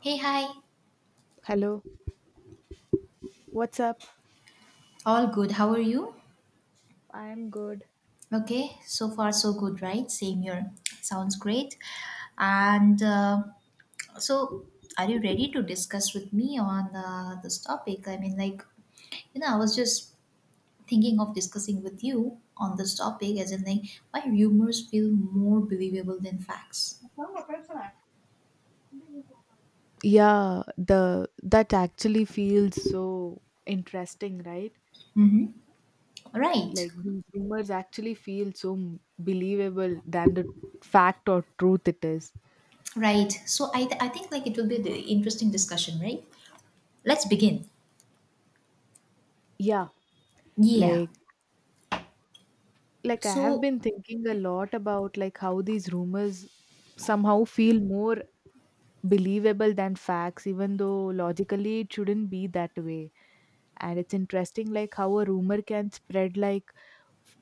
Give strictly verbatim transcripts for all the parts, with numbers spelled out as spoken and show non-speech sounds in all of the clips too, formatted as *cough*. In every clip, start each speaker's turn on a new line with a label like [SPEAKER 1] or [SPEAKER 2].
[SPEAKER 1] Hey, hi.
[SPEAKER 2] Hello, what's up?
[SPEAKER 1] All good. How are you?
[SPEAKER 2] I'm good.
[SPEAKER 1] Okay, so far so good, right? Same here. Sounds great. And uh, so, are you ready to discuss with me on uh, this topic? I mean, like, you know, I was just thinking of discussing with you on this topic, as in, like, why rumors feel more believable than facts.
[SPEAKER 2] Yeah, the that actually feels so interesting, right?
[SPEAKER 1] Mm-hmm. Right,
[SPEAKER 2] Like these rumors actually feel so m- believable than the fact or truth it is.
[SPEAKER 1] right. So, I, I think, like, it will be the interesting discussion, right? Let's begin.
[SPEAKER 2] Yeah,
[SPEAKER 1] Yeah.
[SPEAKER 2] like like I have
[SPEAKER 1] So,
[SPEAKER 2] been thinking a lot about like how these rumors somehow feel more believable than facts even though logically it shouldn't be that way. And it's interesting like how a rumor can spread like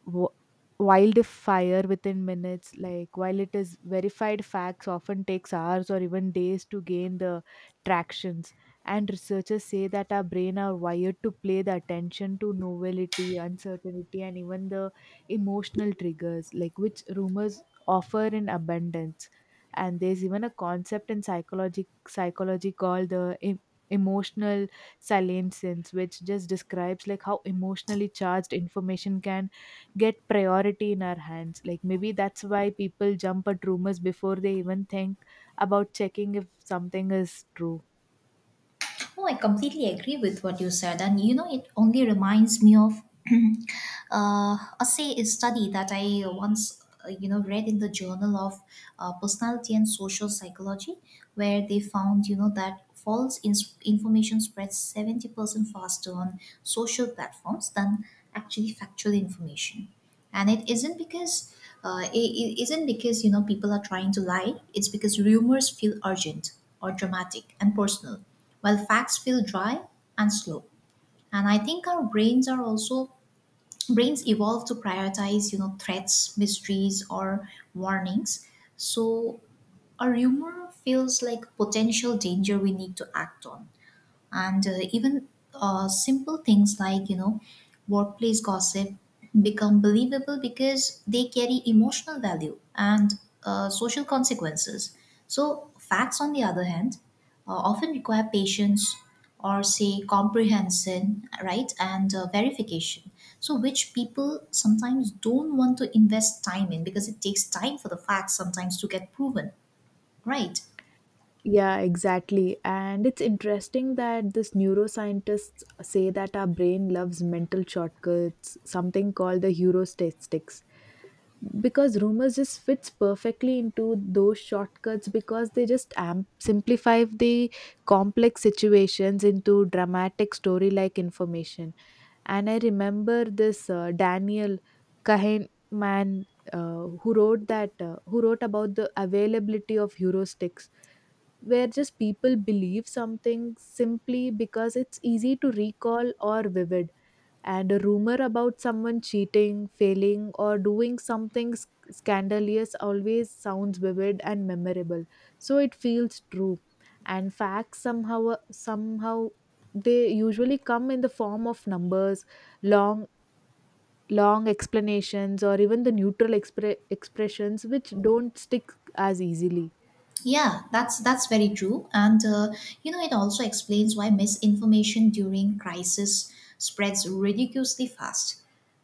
[SPEAKER 2] w- wildfire within minutes, like while it is verified facts often takes hours or even days to gain the tractions. And researchers say that our brain are wired to play the attention to novelty, uncertainty, and even the emotional triggers like which rumors offer in abundance. And there's even a concept in psychology psychology called the em- emotional salience, which just describes like how emotionally charged information can get priority in our hands. Like maybe that's why people jump at rumors before they even think about checking if something is true.
[SPEAKER 1] Oh, I completely agree with what you said, and you know, it only reminds me of *clears throat* uh, a say a study that I once uh, you know read in the Journal of uh, Personality and Social Psychology, where they found, you know, that false ins- information spreads seventy percent faster on social platforms than actually factual information. And it isn't because uh, it, it isn't because, you know, people are trying to lie. It's because rumors feel urgent or dramatic and personal, while facts feel dry and slow. And I think our brains are also brains evolve to prioritize, you know, threats, mysteries, or warnings. So a rumor feels like potential danger we need to act on. And uh, even uh, simple things like, you know, workplace gossip become believable because they carry emotional value and uh, social consequences. So facts, on the other hand, uh, often require patience, or say comprehension, right, and uh, verification. So which people sometimes don't want to invest time in, because it takes time for the facts sometimes to get proven, right?
[SPEAKER 2] Yeah, exactly. And it's interesting that this neuroscientists say that our brain loves mental shortcuts, something called the heuristics, because rumors just fits perfectly into those shortcuts because they just amp- simplify the complex situations into dramatic story-like information. And I remember this uh, Daniel Kahneman man, uh, who wrote that uh, who wrote about the availability of heuristics, where just people believe something simply because it's easy to recall or vivid. And a rumor about someone cheating, failing, or doing something sc- scandalous always sounds vivid and memorable. So it feels true. And facts somehow somehow they usually come in the form of numbers, long long explanations, or even the neutral expre- expressions which don't stick as easily.
[SPEAKER 1] Yeah, that's that's very true, and uh, you know, it also explains why misinformation during crisis spreads ridiculously fast.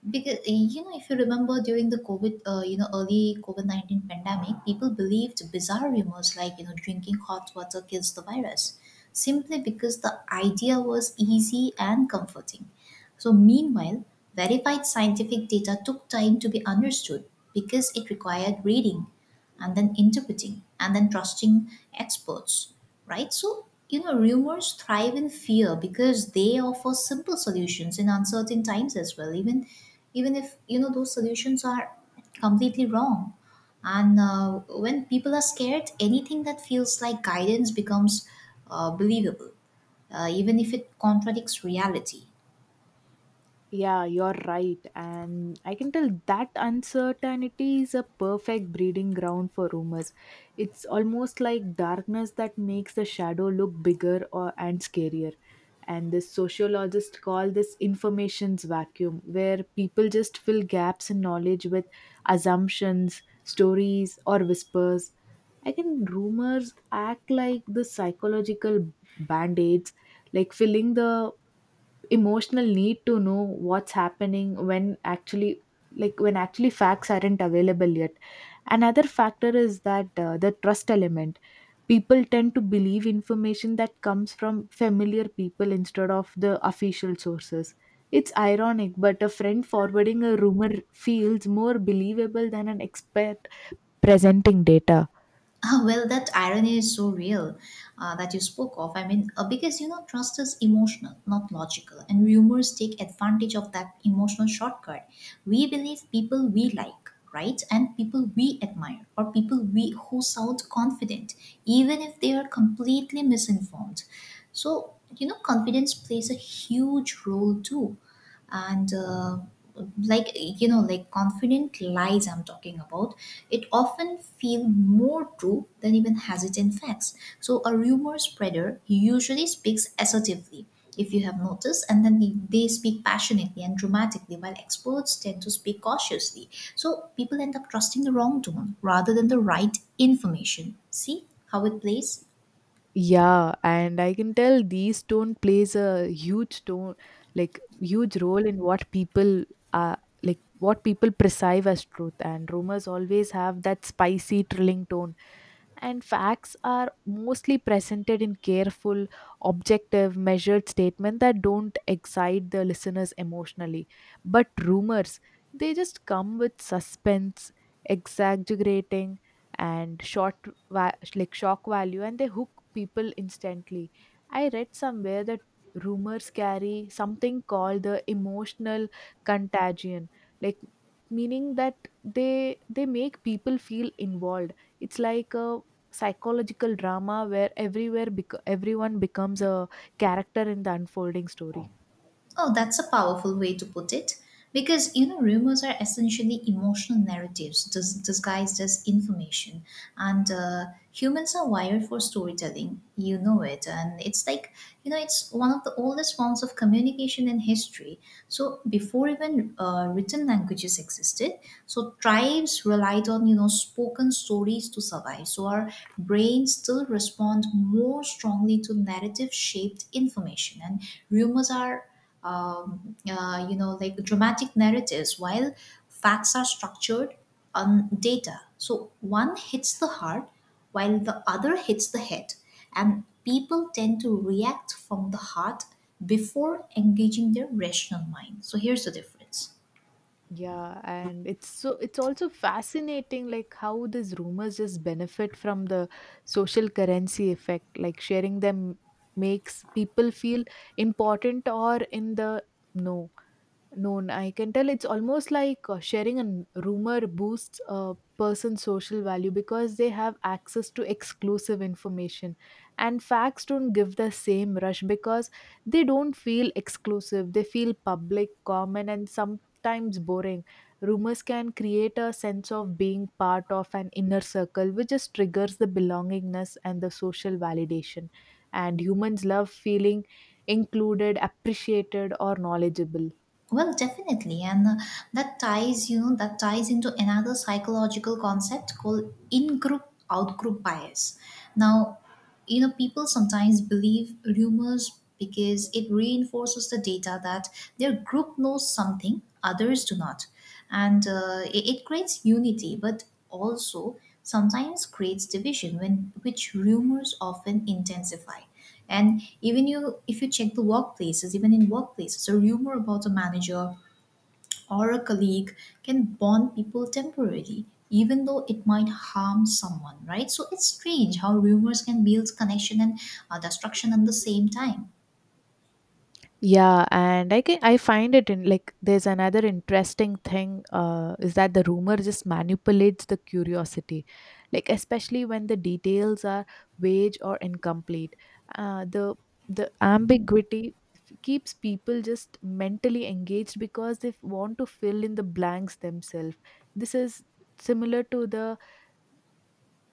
[SPEAKER 1] Because uh, you know, if you remember during the COVID, uh, you know, early COVID nineteen pandemic, people believed bizarre rumors like, you know, drinking hot water kills the virus, simply because the idea was easy and comforting. So meanwhile, verified scientific data took time to be understood because it required reading and then interpreting and then trusting experts, right? So, you know, rumors thrive in fear because they offer simple solutions in uncertain times as well, even even if, you know, those solutions are completely wrong. And uh, when people are scared, anything that feels like guidance becomes uh, believable, uh, even if it contradicts reality.
[SPEAKER 2] Yeah, you're right. And I can tell that uncertainty is a perfect breeding ground for rumors. It's almost like darkness that makes the shadow look bigger or and scarier. And the sociologists call this information's vacuum, where people just fill gaps in knowledge with assumptions, stories, or whispers. I can rumors act like the psychological band-aids, like filling the emotional need to know what's happening when actually like when actually facts aren't available yet. Another factor is that uh, the trust element, people tend to believe information that comes from familiar people instead of the official sources. It's ironic, but a friend forwarding a rumor feels more believable than an expert presenting data.
[SPEAKER 1] Ah, well, that irony is so real uh, that you spoke of. I mean, uh, because you know, trust is emotional, not logical, and rumors take advantage of that emotional shortcut. We believe people we like, right, and people we admire, or people we who sound confident, even if they are completely misinformed. So you know, confidence plays a huge role too. And uh, like you know like confident lies I'm talking about, it often feel more true than even hesitant facts. So a rumor spreader usually speaks assertively if you have noticed, and then they, they speak passionately and dramatically, while experts tend to speak cautiously. So people end up trusting the wrong tone rather than the right information. See how it plays?
[SPEAKER 2] Yeah, and I can tell these tone plays a huge tone, like huge role in what people are like what people perceive as truth. And rumors always have that spicy, thrilling tone. And facts are mostly presented in careful, objective, measured statements that don't excite the listeners emotionally. But rumors, they just come with suspense, exaggerating and short va- like shock value, and they hook people instantly. I read somewhere that rumors carry something called the emotional contagion, like meaning that they they make people feel involved. It's like a psychological drama where everywhere bec- everyone becomes a character in the unfolding story.
[SPEAKER 1] Oh, that's a powerful way to put it. Because, you know, rumors are essentially emotional narratives dis- disguised as information. And uh, humans are wired for storytelling. You know it. And it's like, you know, it's one of the oldest forms of communication in history. So, before even uh, written languages existed, so tribes relied on, you know, spoken stories to survive. So, our brains still respond more strongly to narrative shaped information. And rumors are um, uh, you know, like dramatic narratives, while facts are structured on data. So one hits the heart while the other hits the head. And people tend to react from the heart before engaging their rational mind. So here's the difference.
[SPEAKER 2] Yeah, and it's so it's also fascinating like how these rumors just benefit from the social currency effect. Like sharing them makes people feel important or in the know known. I can tell it's almost like uh, sharing a rumor boosts a person's social value because they have access to exclusive information. And facts don't give the same rush because they don't feel exclusive, they feel public, common, and sometimes boring. Rumors can create a sense of being part of an inner circle, which just triggers the belongingness and the social validation. And humans love feeling included, appreciated, or knowledgeable.
[SPEAKER 1] Well, definitely, and uh, that ties, you know, that ties into another psychological concept called in-group out-group bias. Now, you know, people sometimes believe rumors because it reinforces the data that their group knows something others do not. And uh, it, it creates unity but also sometimes creates division, when which rumors often intensify. And even you if you check the workplaces even in workplaces, a rumor about a manager or a colleague can bond people temporarily, even though it might harm someone, right? So it's strange how rumors can build connection and uh, destruction at the same time.
[SPEAKER 2] Yeah, and I can I find it in like there's another interesting thing uh, is that the rumor just manipulates the curiosity, like especially when the details are vague or incomplete. Uh, the the ambiguity f- keeps people just mentally engaged because they f- want to fill in the blanks themselves. This is similar to the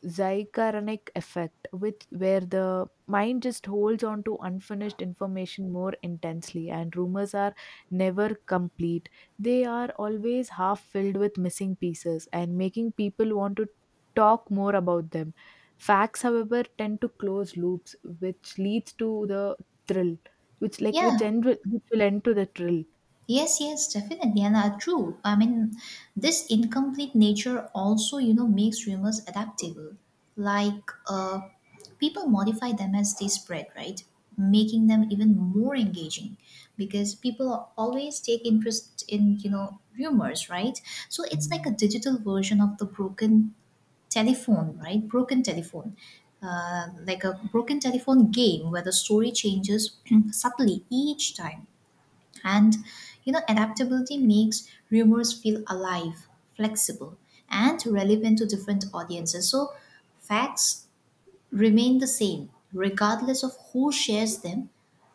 [SPEAKER 2] Zygarnik effect, with where the mind just holds on to unfinished information more intensely, and rumors are never complete. They are always half filled with missing pieces and making people want to talk more about them. Facts, however, tend to close loops, which leads to the thrill, which like which
[SPEAKER 1] Yeah,
[SPEAKER 2] end with, which will end to the thrill.
[SPEAKER 1] Yes, yes, definitely, and uh, true. I mean, this incomplete nature also, you know, makes rumors adaptable. Like, uh, people modify them as they spread, right? Making them even more engaging, because people always take interest in, you know, rumors, right? So it's like a digital version of the broken telephone, right? Broken telephone. Uh, like a broken telephone game where the story changes *clears throat* subtly each time. And you know, adaptability makes rumors feel alive, flexible, and relevant to different audiences. So facts remain the same regardless of who shares them,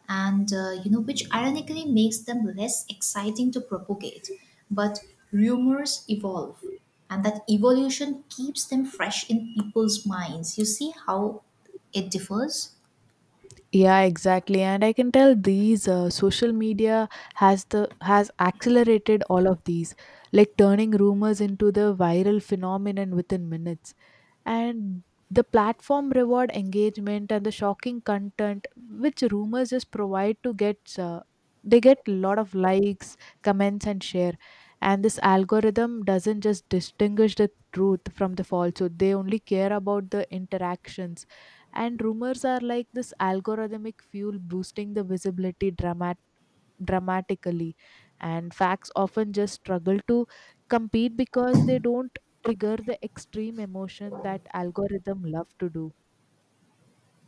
[SPEAKER 1] and uh, you know, which ironically makes them less exciting to propagate. But rumors evolve, and that evolution keeps them fresh in people's minds. You see how it differs?
[SPEAKER 2] Yeah, exactly. And I can tell these uh, social media has the has accelerated all of these, like turning rumors into the viral phenomenon within minutes. And the platform reward engagement and the shocking content which rumors just provide to get uh, they get a lot of likes, comments, and share. And this algorithm doesn't just distinguish the truth from the falsehood, they only care about the interactions. And rumors are like this algorithmic fuel boosting the visibility dramatic dramatically. And facts often just struggle to compete because they don't trigger the extreme emotion that algorithm love to do.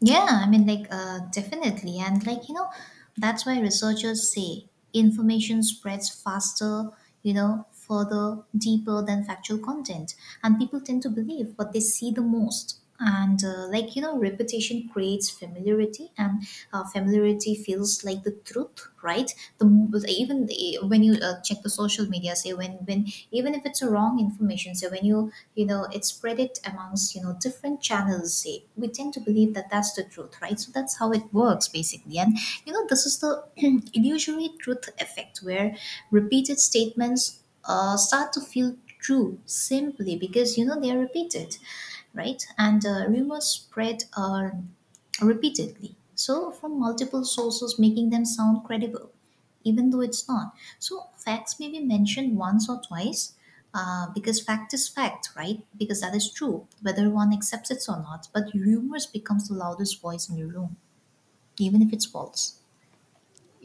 [SPEAKER 1] Yeah, I mean, like, uh, definitely. And, like, you know, that's why researchers say information spreads faster, you know, further, deeper than factual content. And people tend to believe what they see the most. And, uh, like, you know, repetition creates familiarity, and uh, familiarity feels like the truth, right? The m- Even the, Say when you uh, check the social media, say when when even if it's a wrong information, say when you you know, it spread it amongst, you know, different channels, say we tend to believe that that's the truth, right? So that's how it works basically. And you know, this is the *clears throat* illusory truth effect, where repeated statements uh, start to feel true simply because, you know, they are repeated, right? And uh, rumors spread uh, repeatedly, so from multiple sources, making them sound credible even though it's not. So facts may be mentioned once or twice, uh, because fact is fact, right? Because that is true, whether one accepts it or not. But rumors becomes the loudest voice in the room, even if it's false.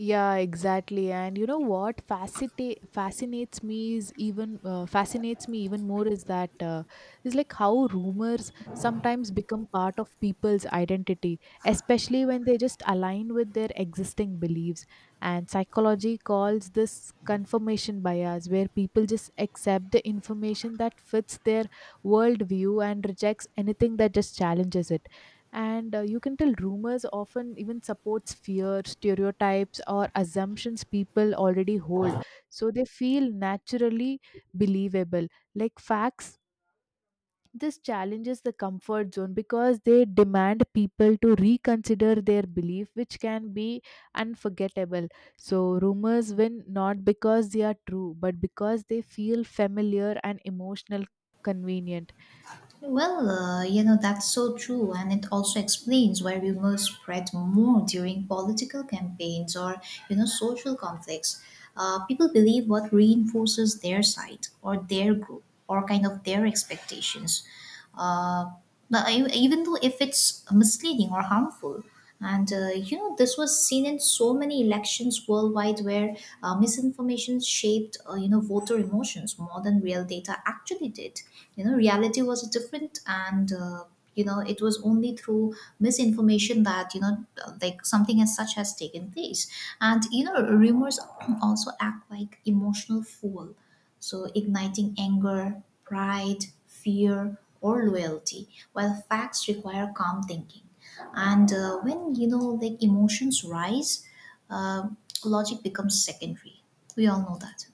[SPEAKER 2] Yeah, exactly. And you know what fascinate fascinates me is even uh, fascinates me even more is that uh, is like how rumors sometimes become part of people's identity, especially when they just align with their existing beliefs. And psychology calls this confirmation bias, where people just accept the information that fits their worldview and rejects anything that just challenges it. And uh, you can tell rumors often even supports fear stereotypes or assumptions people already hold, so they feel naturally believable. Like facts, this challenges the comfort zone because they demand people to reconsider their belief, which can be unforgettable. So rumors win not because they are true, but because they feel familiar and emotional convenient.
[SPEAKER 1] Well, uh, you know, that's so true. And it also explains why rumors spread more during political campaigns or, you know, social conflicts. Uh, people believe what reinforces their side or their group or kind of their expectations. uh, but I, Even though if it's misleading or harmful. And uh, you know, this was seen in so many elections worldwide where uh, misinformation shaped, uh, you know, voter emotions more than real data actually did. You know, reality was different, and uh, you know, it was only through misinformation that, you know, uh, like something as such has taken place. And you know, rumors *clears throat* also act like emotional fuel, so igniting anger, pride, fear, or loyalty, while facts require calm thinking. And uh, when you know, like emotions rise, uh, logic becomes secondary. We all know that.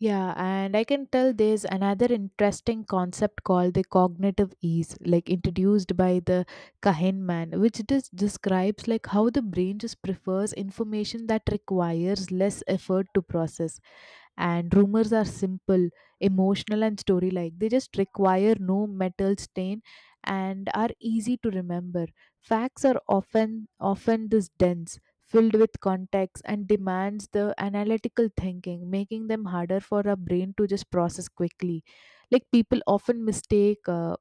[SPEAKER 2] Yeah, and I can tell there's another interesting concept called the cognitive ease, like introduced by the Kahneman, which dis- describes like how the brain just prefers information that requires less effort to process. And rumors are simple, emotional, and story like, they just require no metal stain and are easy to remember. Facts are often often this dense filled with context and demands the analytical thinking, making them harder for a brain to just process quickly. Like people often mistake uh,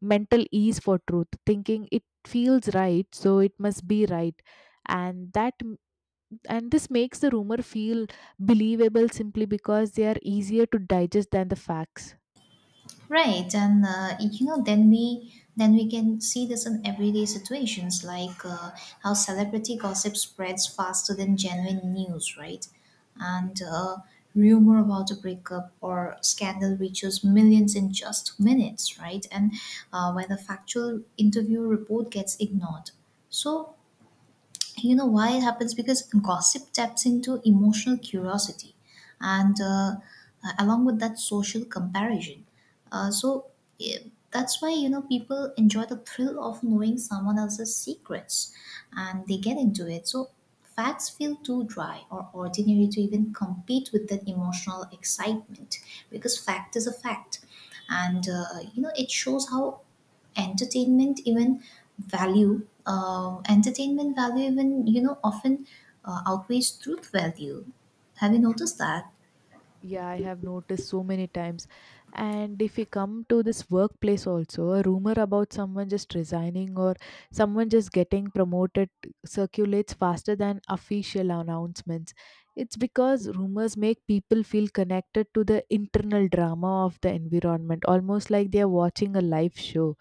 [SPEAKER 2] mental ease for truth thinking it feels right so it must be right. And that and this makes the rumor feel believable simply because they are easier to digest than the facts.
[SPEAKER 1] Right, and uh, you know, then we then we can see this in everyday situations, like uh, how celebrity gossip spreads faster than genuine news, right? And uh, rumor about a breakup or scandal reaches millions in just minutes, right? And uh, when the factual interview report gets ignored, so you know why it happens, because gossip taps into emotional curiosity and uh, uh, along with that social comparison. uh, so eh, that's why, you know, people enjoy the thrill of knowing someone else's secrets, and they get into it. So facts feel too dry or ordinary to even compete with that emotional excitement, because fact is a fact. And uh, you know, it shows how entertainment even value uh, entertainment value, even, you know, often uh, outweighs truth value. Have you noticed that?
[SPEAKER 2] Yeah, I have noticed so many times. And if we come to this workplace also, a rumor about someone just resigning or someone just getting promoted circulates faster than official announcements. It's because rumors make people feel connected to the internal drama of the environment almost like they are watching a live show.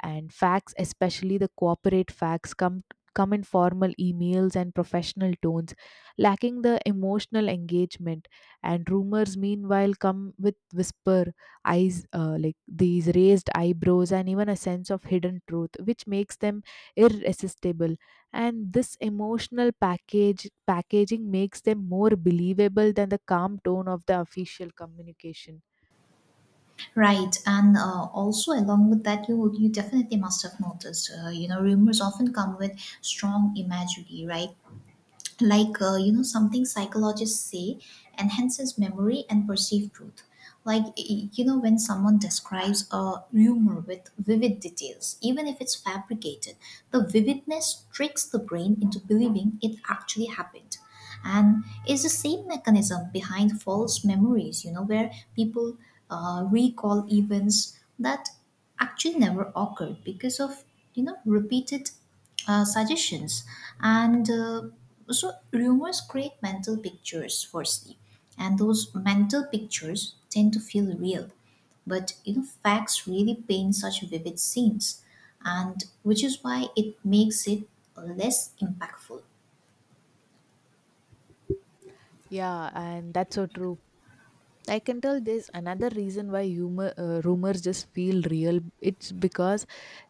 [SPEAKER 2] And facts, especially the corporate facts, come come in formal emails and professional tones, lacking the emotional engagement. And rumors meanwhile come with whisper eyes, uh, like these raised eyebrows and even a sense of hidden truth which makes them irresistible. And this emotional package packaging makes them more believable than the calm tone of the official communication.
[SPEAKER 1] Right, and uh, also along with that, you you definitely must have noticed, uh, you know, rumors often come with strong imagery, right? Like uh, you know, something psychologists say enhances memory and perceived truth. Like y- you know, when someone describes a rumor with vivid details, even if it's fabricated, the vividness tricks the brain into believing it actually happened. And it's the same mechanism behind false memories, you know, where people uh, recall events that actually never occurred because of, you know, repeated uh, suggestions. And uh, so rumors create mental pictures firstly, and those mental pictures tend to feel real. But you know, facts really paint such vivid scenes, and which is why it makes it less impactful.
[SPEAKER 2] Yeah, and that's so true. I can tell there's another reason why humor, uh, rumors just feel real. It's because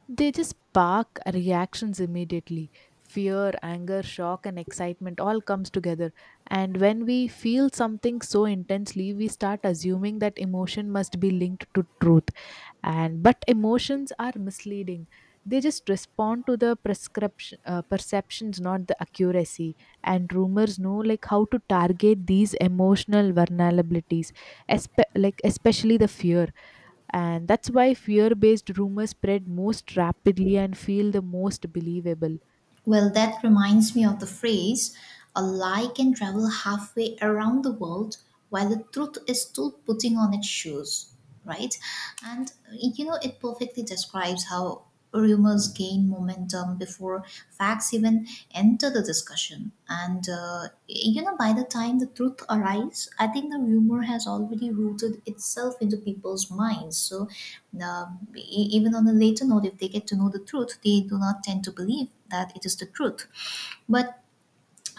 [SPEAKER 2] they just spark reactions immediately. Fear, anger, shock, and excitement all comes together. And when we feel something so intensely, we start assuming that emotion must be linked to truth, and but emotions are misleading. They just respond to the prescription uh, perceptions not the accuracy. And rumors know like how to target these emotional vulnerabilities, espe- like especially the fear. And that's why fear based rumors spread most rapidly and feel the most believable.
[SPEAKER 1] Well, that reminds me of the phrase, a lie can travel halfway around the world while the truth is still putting on its shoes, right? And you know, it perfectly describes how rumors gain momentum before facts even even enter the discussion. And uh, you know, by the time the truth arrives, I think the rumor has already rooted itself into people's minds. So um, e- even on a later note, if they get to know the truth, they do not tend to believe that it is the truth. But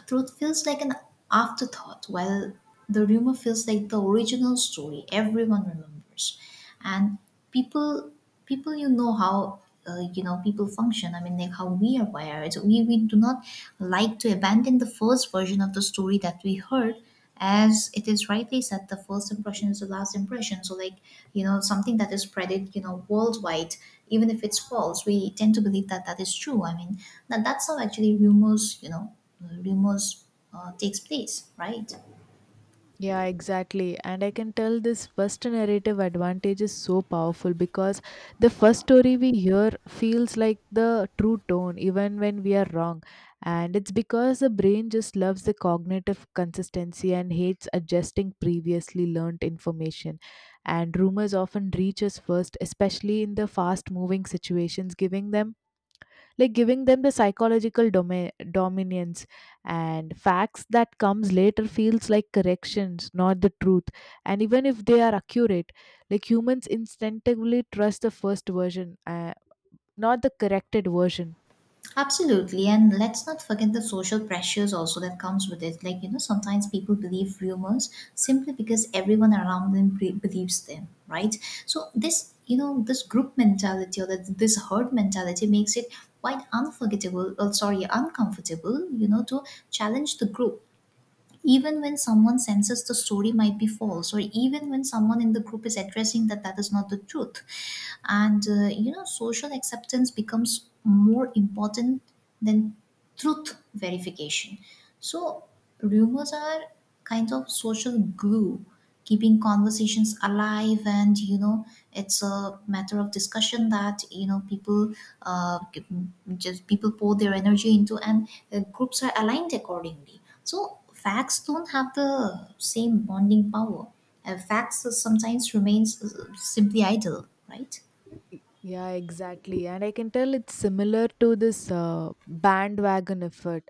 [SPEAKER 1] truth feels like an afterthought, while the rumor feels like the original story everyone remembers. And people, people, you know how uh, you know people function. I mean, like how we are wired. We we do not like to abandon the first version of the story that we heard, as it is rightly said, the first impression is the last impression. So like, you know something that is spreaded, you know worldwide, even if it's false, we tend to believe that that is true. I mean, that that's how actually rumors, you know rumors uh, takes place, right?
[SPEAKER 2] Yeah, exactly. And I can tell this first narrative advantage is so powerful because the first story we hear feels like the true tone, even when we are wrong. And it's because the brain just loves the cognitive consistency and hates adjusting previously learned information. And rumors often reach us first, especially in the fast moving situations, giving them like giving them the psychological domi- dominance. And facts that comes later feels like corrections, not the truth. And even if they are accurate, like humans instinctively trust the first version, uh, not the corrected version.
[SPEAKER 1] Absolutely, and let's not forget the social pressures also that comes with it. Like you know, sometimes people believe rumors simply because everyone around them be- believes them, right? So this, you know this group mentality, or that this herd mentality, makes it quite unforgettable. Oh, sorry, uncomfortable. You know, to challenge the group even when someone senses the story might be false, or even when someone in the group is addressing that that is not the truth. And uh, you know social acceptance becomes more important than truth verification. So rumors are kind of social glue, keeping conversations alive, and you know it's a matter of discussion that you know people uh, just people pour their energy into. And uh, groups are aligned accordingly, so facts don't have the same bonding power. uh, facts sometimes remains, uh, simply idle, right?
[SPEAKER 2] Yeah, exactly. And I can tell it's similar to this uh, bandwagon effect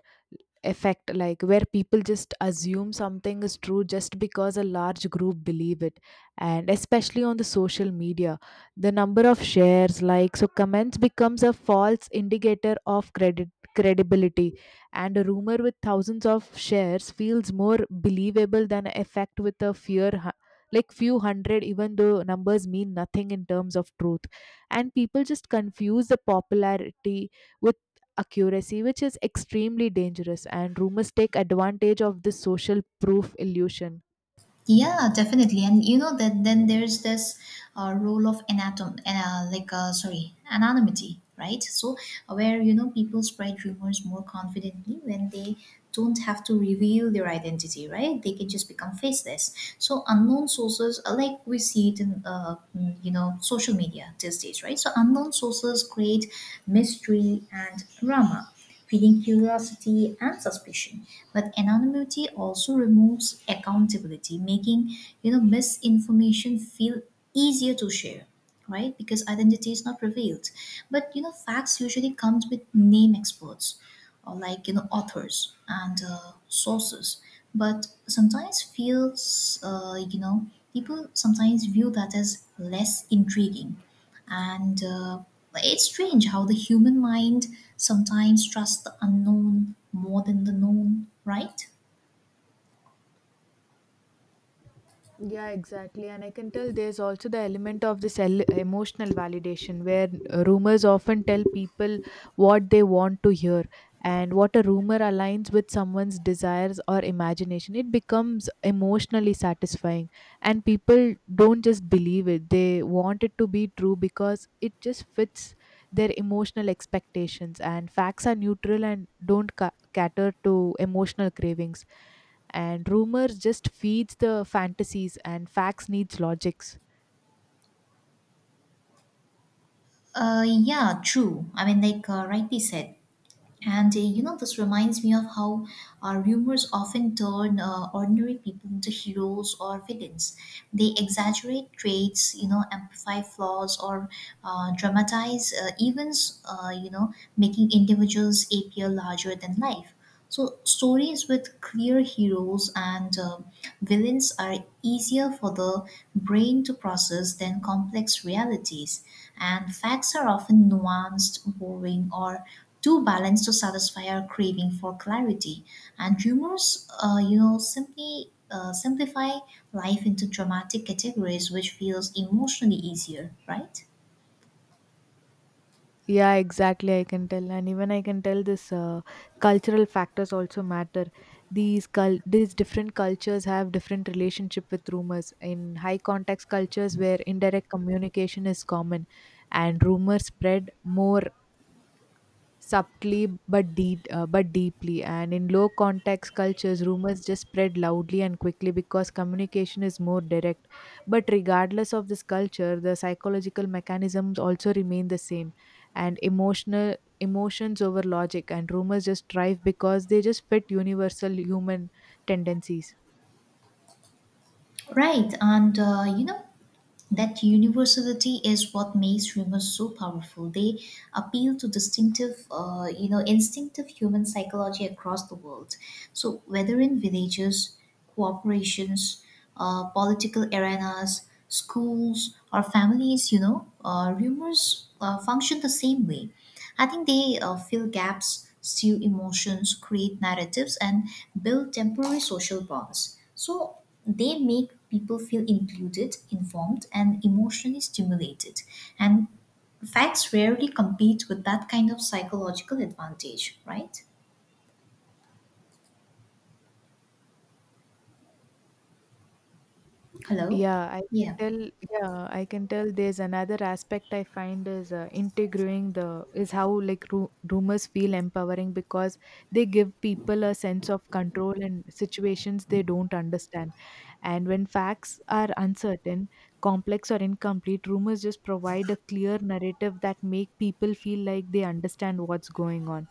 [SPEAKER 2] effect like where people just assume something is true just because a large group believe it. And especially on the social media, the number of shares, likes, or comments becomes a false indicator of credit credibility. And a rumor with thousands of shares feels more believable than a fact with a fear hu- like few hundred, even though numbers mean nothing in terms of truth. And people just confuse the popularity with accuracy, which is extremely dangerous. And rumors take advantage of this social proof illusion.
[SPEAKER 1] Yeah, definitely. And you know that then there's this uh, role of anatom, uh, like uh, sorry, anonymity, right? So where you know people spread rumors more confidently when they don't have to reveal their identity, right? They can just become faceless. So unknown sources, uh, like we see it in uh, mm, you know social media these days, right? So unknown sources create mystery and drama, feeding curiosity and suspicion. But anonymity also removes accountability, making you know misinformation feel easier to share, right? Because identity is not revealed. But you know facts usually comes with name experts, or like you know authors and uh, sources. But sometimes feels, uh, you know people sometimes view that as less intriguing. And uh, it's strange how the human mind sometimes trusts the unknown more than the known, right?
[SPEAKER 2] Yeah, exactly. And I can tell there's also the element of this el- emotional validation where uh, rumors often tell people what they want to hear. And what a rumor aligns with someone's desires or imagination, it becomes emotionally satisfying, and people don't just believe it, they want it to be true because it just fits their emotional expectations. And facts are neutral and don't ca- cater to emotional cravings, and rumors just feeds the fantasies and facts needs logics.
[SPEAKER 1] Uh, yeah, true. I mean, like uh, rightly said, and uh, you know, this reminds me of how our rumors often turn uh, ordinary people into heroes or villains. They exaggerate traits, you know, amplify flaws, or uh, dramatize uh, events, uh, you know, making individuals appear larger than life. So, stories with clear heroes and uh, villains are easier for the brain to process than complex realities, and facts are often nuanced, boring, or too balanced to satisfy our craving for clarity. And humors, uh, you know, simply uh, simplify life into dramatic categories, which feels emotionally easier, right?
[SPEAKER 2] Yeah, exactly. I can tell, and even I can tell this uh, cultural factors also matter. These cul- these different cultures have different relationship with rumors. In high context cultures, where indirect communication is common, and rumors spread more subtly but deep uh, but deeply. And in low context cultures, rumors just spread loudly and quickly because communication is more direct. But regardless of this culture, the psychological mechanisms also remain the same. And emotional emotions over logic, and rumors just thrive because they just fit universal human tendencies.
[SPEAKER 1] Right, and uh, you know, that universality is what makes humans so powerful. They appeal to distinctive uh, you know instinctive human psychology across the world. So whether in villages, corporations, uh, political arenas, schools, or families, you know uh, rumors uh, function the same way. I think they uh, fill gaps, stew emotions, create narratives, and build temporary social bonds. So they make people feel included, informed, and emotionally stimulated. And facts rarely compete with that kind of psychological advantage, right? Hello?
[SPEAKER 2] Yeah, I can
[SPEAKER 1] Yeah.
[SPEAKER 2] tell. Yeah, I can tell. There's another aspect I find is uh, integrating the is how like ru- rumors feel empowering because they give people a sense of control in situations they don't understand. And when facts are uncertain, complex, or incomplete, rumors just provide a clear narrative that make people feel like they understand what's going on.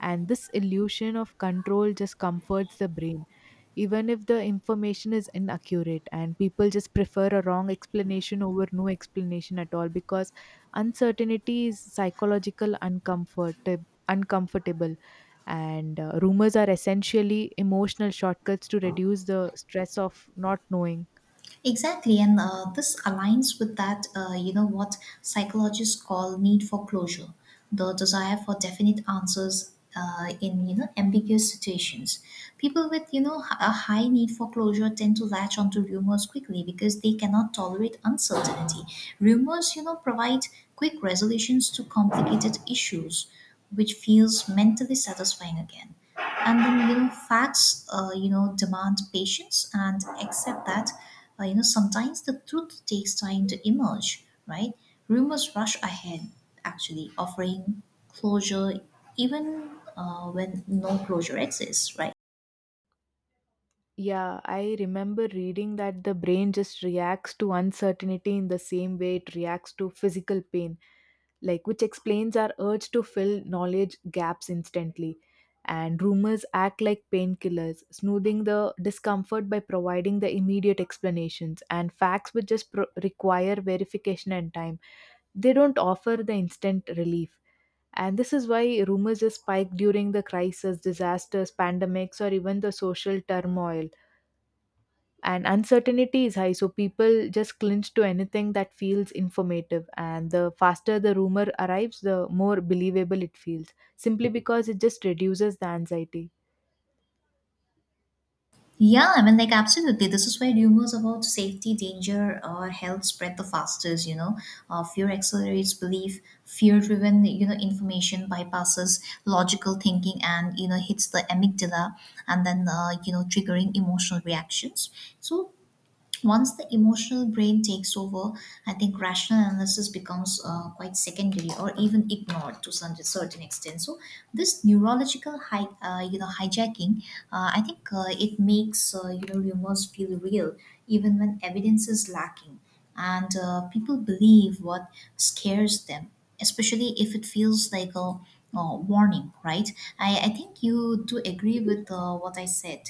[SPEAKER 2] And this illusion of control just comforts the brain even if the information is inaccurate. And people just prefer a wrong explanation over no explanation at all because uncertainty is psychological uncomfort uncomfortable. And uh, rumors are essentially emotional shortcuts to reduce the stress of not knowing.
[SPEAKER 1] Exactly, and uh, this aligns with that, uh, you know, what psychologists call need for closure, the desire for definite answers uh, in, you know, ambiguous situations. People with, you know, h- a high need for closure tend to latch onto rumors quickly because they cannot tolerate uncertainty. Rumors, you know, provide quick resolutions to complicated issues, which feels mentally satisfying again. And then you know facts uh, you know demand patience and accept that uh, you know sometimes the truth takes time to emerge, right? Rumors rush ahead, actually offering closure even uh, when no closure exists, right?
[SPEAKER 2] Yeah, I remember reading that the brain just reacts to uncertainty in the same way it reacts to physical pain, like which explains our urge to fill knowledge gaps instantly. And rumors act like painkillers, smoothing the discomfort by providing the immediate explanations. And facts, which just pro- require verification and time, they don't offer the instant relief. And this is why rumors just spike during the crisis, disasters, pandemics, or even the social turmoil, and uncertainty is high, so people just clinch to anything that feels informative. And the faster the rumor arrives, the more believable it feels, simply because it just reduces the anxiety.
[SPEAKER 1] Yeah, I mean, like, absolutely. This is why rumors about safety, danger, or health spread the fastest, you know. Uh, fear accelerates belief. Fear driven, you know, information bypasses logical thinking, and, you know, hits the amygdala, and then, uh, you know, triggering emotional reactions. So, once the emotional brain takes over, I think rational analysis becomes uh, quite secondary or even ignored to some certain extent. So this neurological hi- uh, you know hijacking, uh, I think uh, it makes uh, you know rumors feel real even when evidence is lacking. And uh, people believe what scares them, especially if it feels like a, uh warning. Right? I I think you do agree with uh, what I said,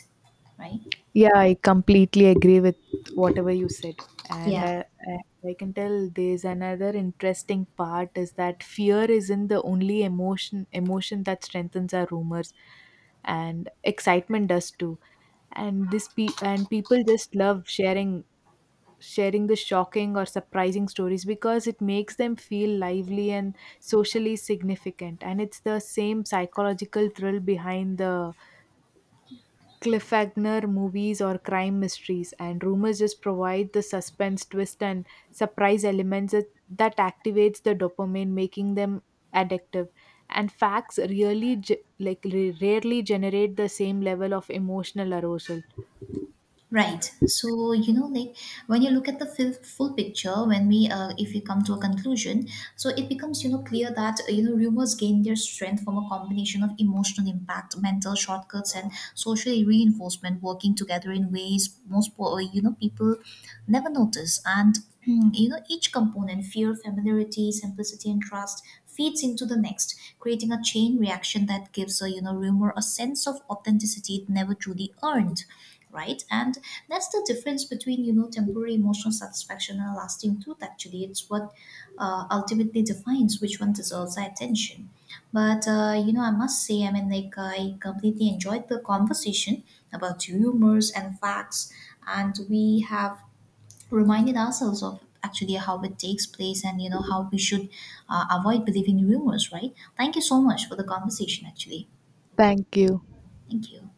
[SPEAKER 1] right?
[SPEAKER 2] Yeah, I completely agree with whatever you said. And
[SPEAKER 1] Yeah.
[SPEAKER 2] i, I I can tell there's another interesting part is that fear isn't the only emotion emotion that strengthens our rumors, and excitement does too. And this pe- and people just love sharing sharing the shocking or surprising stories because it makes them feel lively and socially significant. And it's the same psychological thrill behind the cliffhanger movies or crime mysteries. And rumors just provide the suspense twist and surprise elements that, that activates the dopamine, making them addictive. And facts really ge- like re- rarely generate the same level of emotional arousal.
[SPEAKER 1] Right. So, you know, like when you look at the full, full picture, when we, uh, if we come to a conclusion, so it becomes, you know, clear that, uh, you know, rumors gain their strength from a combination of emotional impact, mental shortcuts, and social reinforcement working together in ways most, po- uh, you know, people never notice. And, *clears throat* hmm, you know, each component, fear, familiarity, simplicity, and trust, feeds into the next, creating a chain reaction that gives a, you know, rumor a sense of authenticity it never truly earned, right. And that's the difference between, you know temporary emotional satisfaction and lasting truth. Actually, it's what uh, ultimately defines which one deserves our attention. But uh, you know I must say, I mean, like I completely enjoyed the conversation about rumors and facts, and we have reminded ourselves of actually how it takes place and you know how we should uh, avoid believing rumors, right? Thank you so much for the conversation, actually.
[SPEAKER 2] Thank you.
[SPEAKER 1] Thank you.